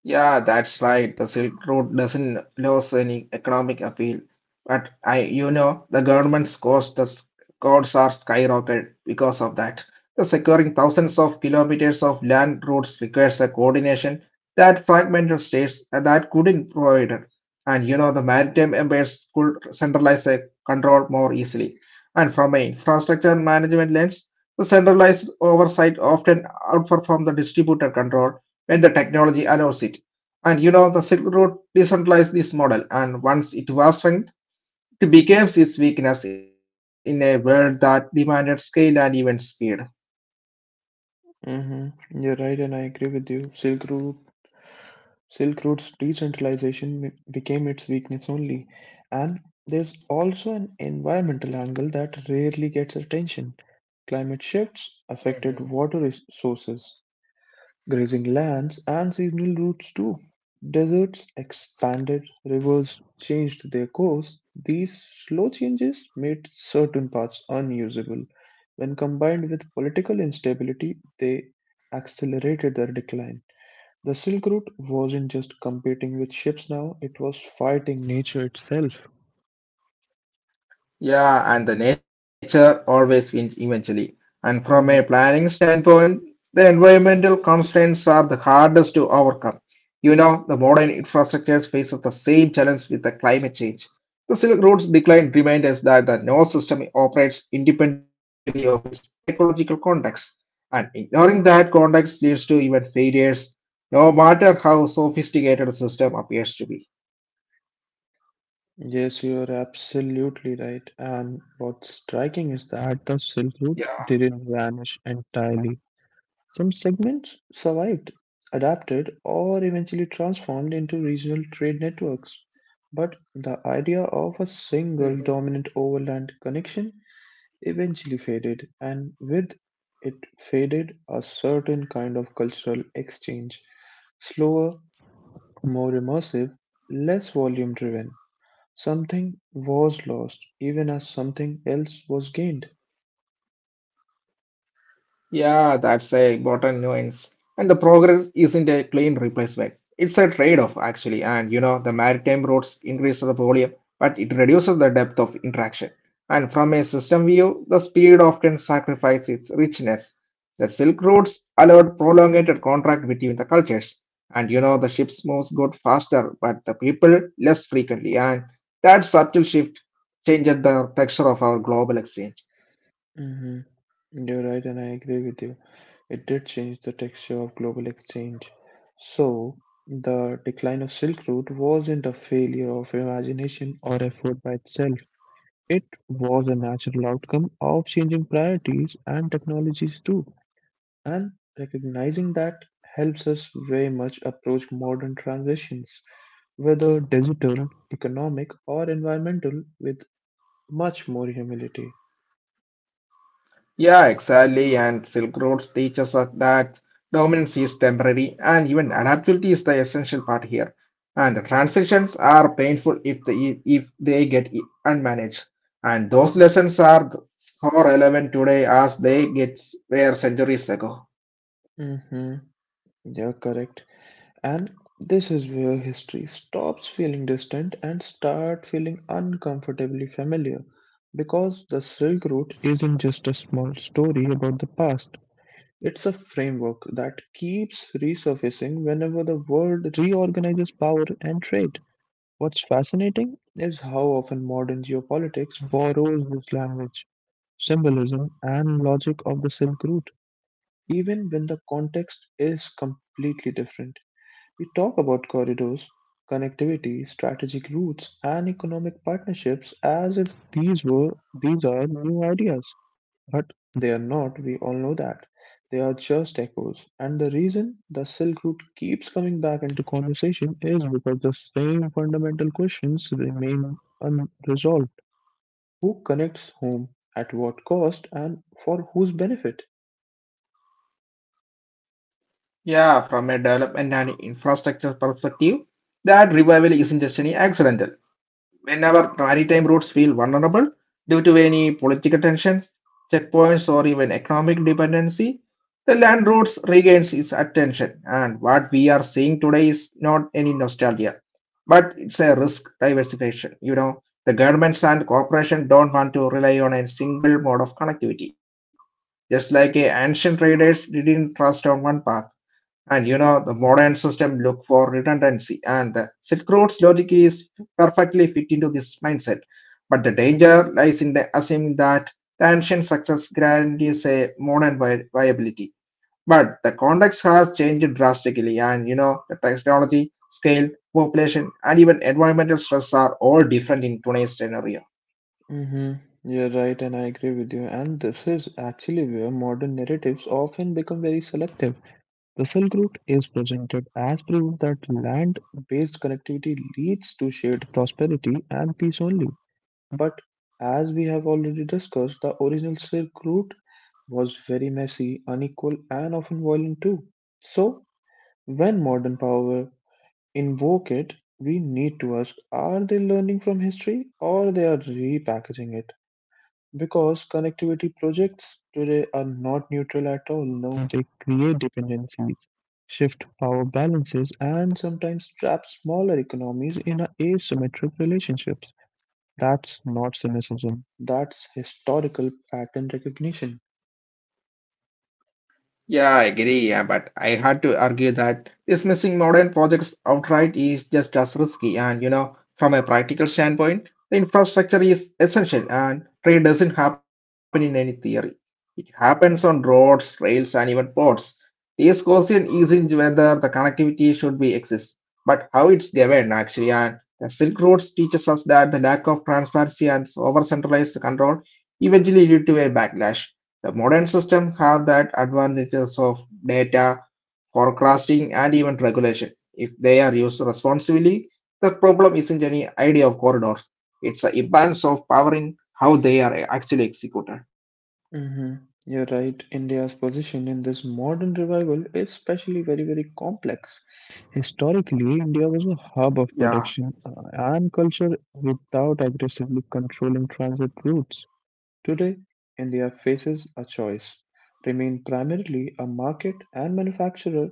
[SPEAKER 2] Yeah, that's right. The Silk Road doesn't lose any economic appeal. But I, you know, the government's costs, costs are skyrocketed because of that. The securing thousands of kilometers of land routes requires a coordination that fragmented states that couldn't provide it. And you know, the maritime empires could centralize the control more easily. And from an infrastructure management lens, the centralized oversight often outperforms the distributed control when the technology allows it. And you know, the Silk Road decentralized this model, and once it was strength, it became its weakness in a world that demanded scale and even speed.
[SPEAKER 1] Mm-hmm. You're right, and I agree with you. Silk routes decentralization became its weakness only, and there's also an environmental angle that rarely gets attention. Climate shifts
[SPEAKER 2] Mhm.
[SPEAKER 1] affected water sources, grazing lands, and seasonal routes too. Deserts expanded, rivers changed their course. These slow changes made certain paths unusable. When combined with political instability, they accelerated their decline. The Silk Route wasn't just competing with ships now, it was fighting nature itself.
[SPEAKER 2] Yeah, and the nature always wins eventually. And from a
[SPEAKER 1] Mhm.
[SPEAKER 2] planning standpoint, the environmental constraints are the hardest to overcome. You know, the modern infrastructures face the same challenge with the climate change. The Silk Road's decline reminds us that the nervous system operates independently of its ecological context, and ignoring that context leads to even failures, no matter how sophisticated the system appears to be.
[SPEAKER 1] Yes, you're absolutely right. And what's striking is that the Silk Route
[SPEAKER 2] Yeah.
[SPEAKER 1] didn't vanish entirely. Some segments survived, adapted, or eventually transformed into regional trade networks. But the idea of a single dominant overland connection eventually faded, and with it faded a certain kind of cultural exchange, slower, more immersive, less volume driven. Something was lost, even as something else was gained.
[SPEAKER 2] Yeah, that's a important nuance. And the progress isn't a clean replacement. It's a trade-off actually. And you know, the maritime routes increase the volume, but it reduces the depth of interaction. And from a system view, the speed often sacrifices its richness. The Silk Roads allowed prolonged contact between the cultures. And you know, the ships moves got faster, but the people less frequently. And that subtle shift changed the texture of our global exchange.
[SPEAKER 1] Hmm. You're right, and I agree with you. It did change the texture of global exchange. So, the decline of Silk Route wasn't a failure of imagination or effort by itself. It was a natural outcome of changing priorities and technologies too, and recognizing that helps us very much approach modern transitions, whether digital, economic, or environmental, with much more humility.
[SPEAKER 2] Yeah, exactly. And Silk Road teaches us that dominance is temporary and even adaptability is the essential part here. And the transitions are painful if they get unmanaged. And those lessons are so relevant today as they get were centuries ago.
[SPEAKER 1] Mm-hmm. You're correct. And this is where history stops feeling distant and start feeling uncomfortably familiar because the Silk Route isn't just a small story about the past. It's a framework that keeps resurfacing whenever the world reorganizes power and trade. What's fascinating is how often modern geopolitics borrows this language, symbolism, and logic of the Silk Route, even when the context is completely different. We talk about corridors, connectivity, strategic routes, and economic partnerships as if these are new ideas. But they are not, we all know that. They are just echoes. And the reason the Silk Route keeps coming back into conversation is because the same fundamental questions remain unresolved. Who connects whom, at what cost, and for whose benefit?
[SPEAKER 2] Yeah, from a development and infrastructure perspective, that revival isn't just any accidental. Whenever maritime routes feel vulnerable due to any political tensions, checkpoints, or even economic dependency, the land routes regains its attention. And what we are seeing today is not any nostalgia but it's a risk diversification. You know, the governments and corporations don't want to rely on a single mode of connectivity. Just like a ancient traders didn't trust on one path. And you know, the modern system look for redundancy. And the Silk Road's logic is perfectly fit into this mindset. But the danger lies in the assuming that the ancient success guarantees a modern viability. But the context has changed drastically, and you know, the technology, scale, population, and even environmental stress are all different in today's scenario.
[SPEAKER 1] Mm-hmm. You're right, and I agree with you. And this is actually where modern narratives often become very selective. The Silk Route is presented as proof that land based connectivity leads to shared prosperity and peace only. But as we have already discussed, the original Silk Route was very messy, unequal, and often violent too. So, when modern power invoke it, we need to ask are they learning from history or they are repackaging it? Because connectivity projects today are not neutral at all. No, they create dependencies, shift power balances, and sometimes trap smaller economies in asymmetric relationships. That's not cynicism, that's historical pattern recognition.
[SPEAKER 2] Yeah, I agree, yeah, but I had to argue that dismissing modern projects outright is just as risky. And you know, from a practical standpoint, the infrastructure is essential, and trade doesn't happen in any theory. It happens on roads, rails, and even ports. This question isn't whether the connectivity should be exist, but how it's governed actually. And the Silk Roads teaches us that the lack of transparency and over centralized control eventually lead to a backlash. The modern system have that advantages of data forecasting and even regulation. If they are used responsibly, the problem isn't any idea of corridors. It's the imbalance of power in how they are actually executed.
[SPEAKER 1] Mhm. You're right. India's position in this modern revival is especially very, very complex. Historically, India was a
[SPEAKER 2] Yeah.
[SPEAKER 1] hub of production and culture without aggressively controlling transit routes. Today, India faces a choice remain primarily a market and manufacturer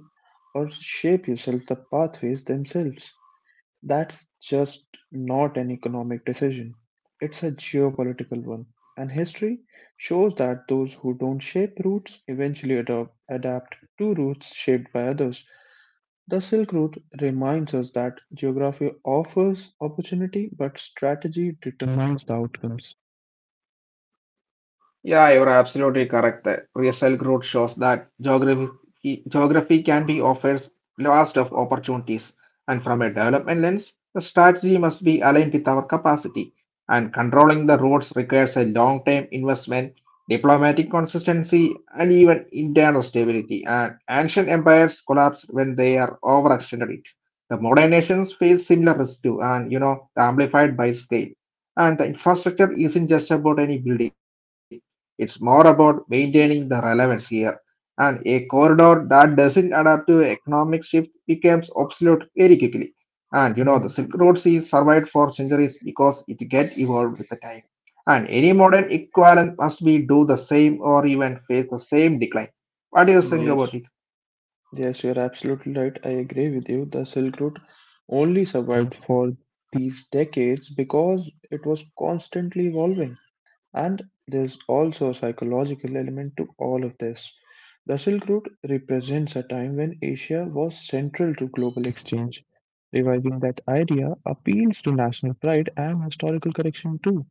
[SPEAKER 1] or shape yourself the pathways themselves. That's just not an economic decision, it's a geopolitical one. And history shows that those who don't shape routes eventually adapt to routes shaped by others. The Silk Route reminds us that geography offers opportunity, but strategy determines the outcomes.
[SPEAKER 2] Yeah, you're absolutely correct. The real growth shows that geography can be offers vast of opportunities, and from a development lens, the strategy must be aligned with our capacity. And controlling the roads requires a long-term investment, diplomatic consistency, and even internal stability. And ancient empires collapse when they are overextended. It. The modern nations face similar risks too, and you know, amplified by scale. And the infrastructure isn't just about any buildings. It's more about maintaining the relevance here, and a corridor that doesn't adapt to economic shift becomes obsolete very quickly. And you know, the Silk Road Sea
[SPEAKER 1] Mhm.
[SPEAKER 2] survived for centuries because it get evolved with the time. And any modern equivalent must be do the same or even face the same decline. What do you think about it?
[SPEAKER 1] Yes, yes, you're absolutely right. I agree with you. The Silk Route only survived for these decades because it was constantly evolving. And there's also a psychological element to all of this. The Silk Route represents a time when Asia was central to global exchange. Reviving that idea appeals to national pride and historical correction too.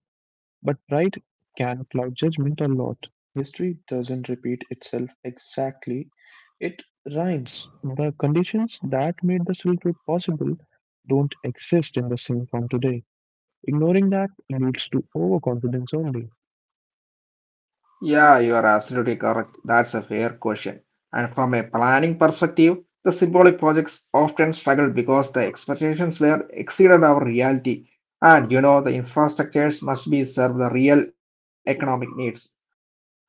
[SPEAKER 1] But pride can cloud judgment a lot. History doesn't repeat itself exactly, it rhymes. The conditions that made the Silk Route possible don't exist in the same form today. Ignoring that leads to overconfidence only.
[SPEAKER 2] Yeah, you are absolutely correct. That's a fair question. And from a planning perspective, the symbolic projects often struggle because the expectations were exceeded our reality. And you know, the infrastructures must be serve the real economic needs,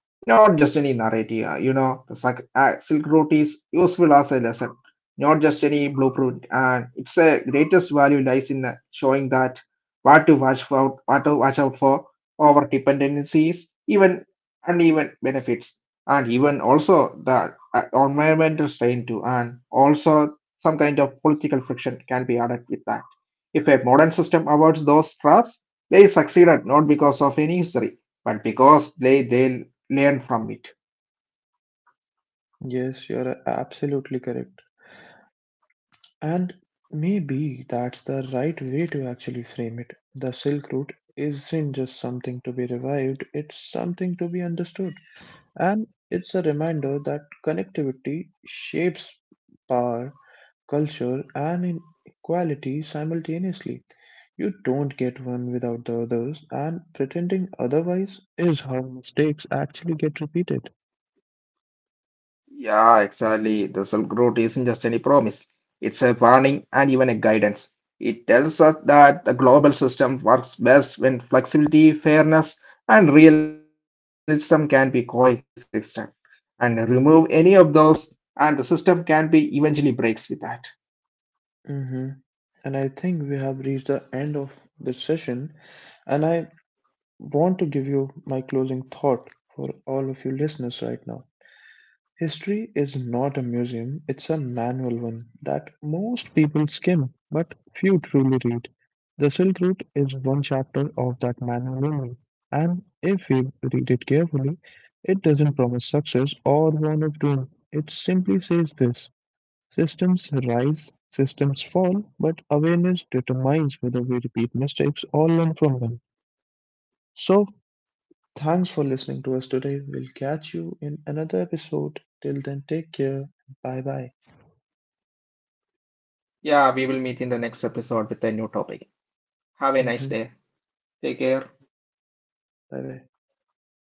[SPEAKER 2] not just any narrative. You know, the Silk Route is useful as a lesson, not just any blueprint. And its a greatest value lies in showing that what to watch out for, our dependencies, even and even benefits and even also the environmental strain too and also some kind of political friction can be added with that if a modern system avoids those traps they succeeded not because of any history but because they learn from it.
[SPEAKER 1] Yes, you're absolutely correct. And maybe that's the right way to actually frame it. The Silk Route isn't just something to be revived, it's something to be understood. And it's a reminder that connectivity shapes power, culture, and inequality simultaneously. You don't get one without the others, and pretending otherwise is how mistakes actually get repeated.
[SPEAKER 2] Yeah, exactly. The self growth isn't just any promise, it's a warning and even a guidance. It tells us that the global system works best when flexibility, fairness, and realism can be coexistent. And remove any of those, and the system can be eventually breaks with that.
[SPEAKER 1] Hmm. And I think we have reached the end of this session. And I want to give you my closing thought for all of you listeners right now. History is not a museum, it's a manual one that most people skim, but few truly read. The Silk Route is one chapter of that manual only. And if you read it carefully, it doesn't promise success or warn of doom. It simply says this: systems rise, systems fall, but awareness determines whether we repeat mistakes or learn from them. So, thanks for listening to us today. We'll catch you in another episode. Till then, take care. Bye bye.
[SPEAKER 2] Yeah, we will meet in the next episode with a new topic.
[SPEAKER 1] Hmm.
[SPEAKER 2] Have a nice day. Take care.
[SPEAKER 1] Bye bye.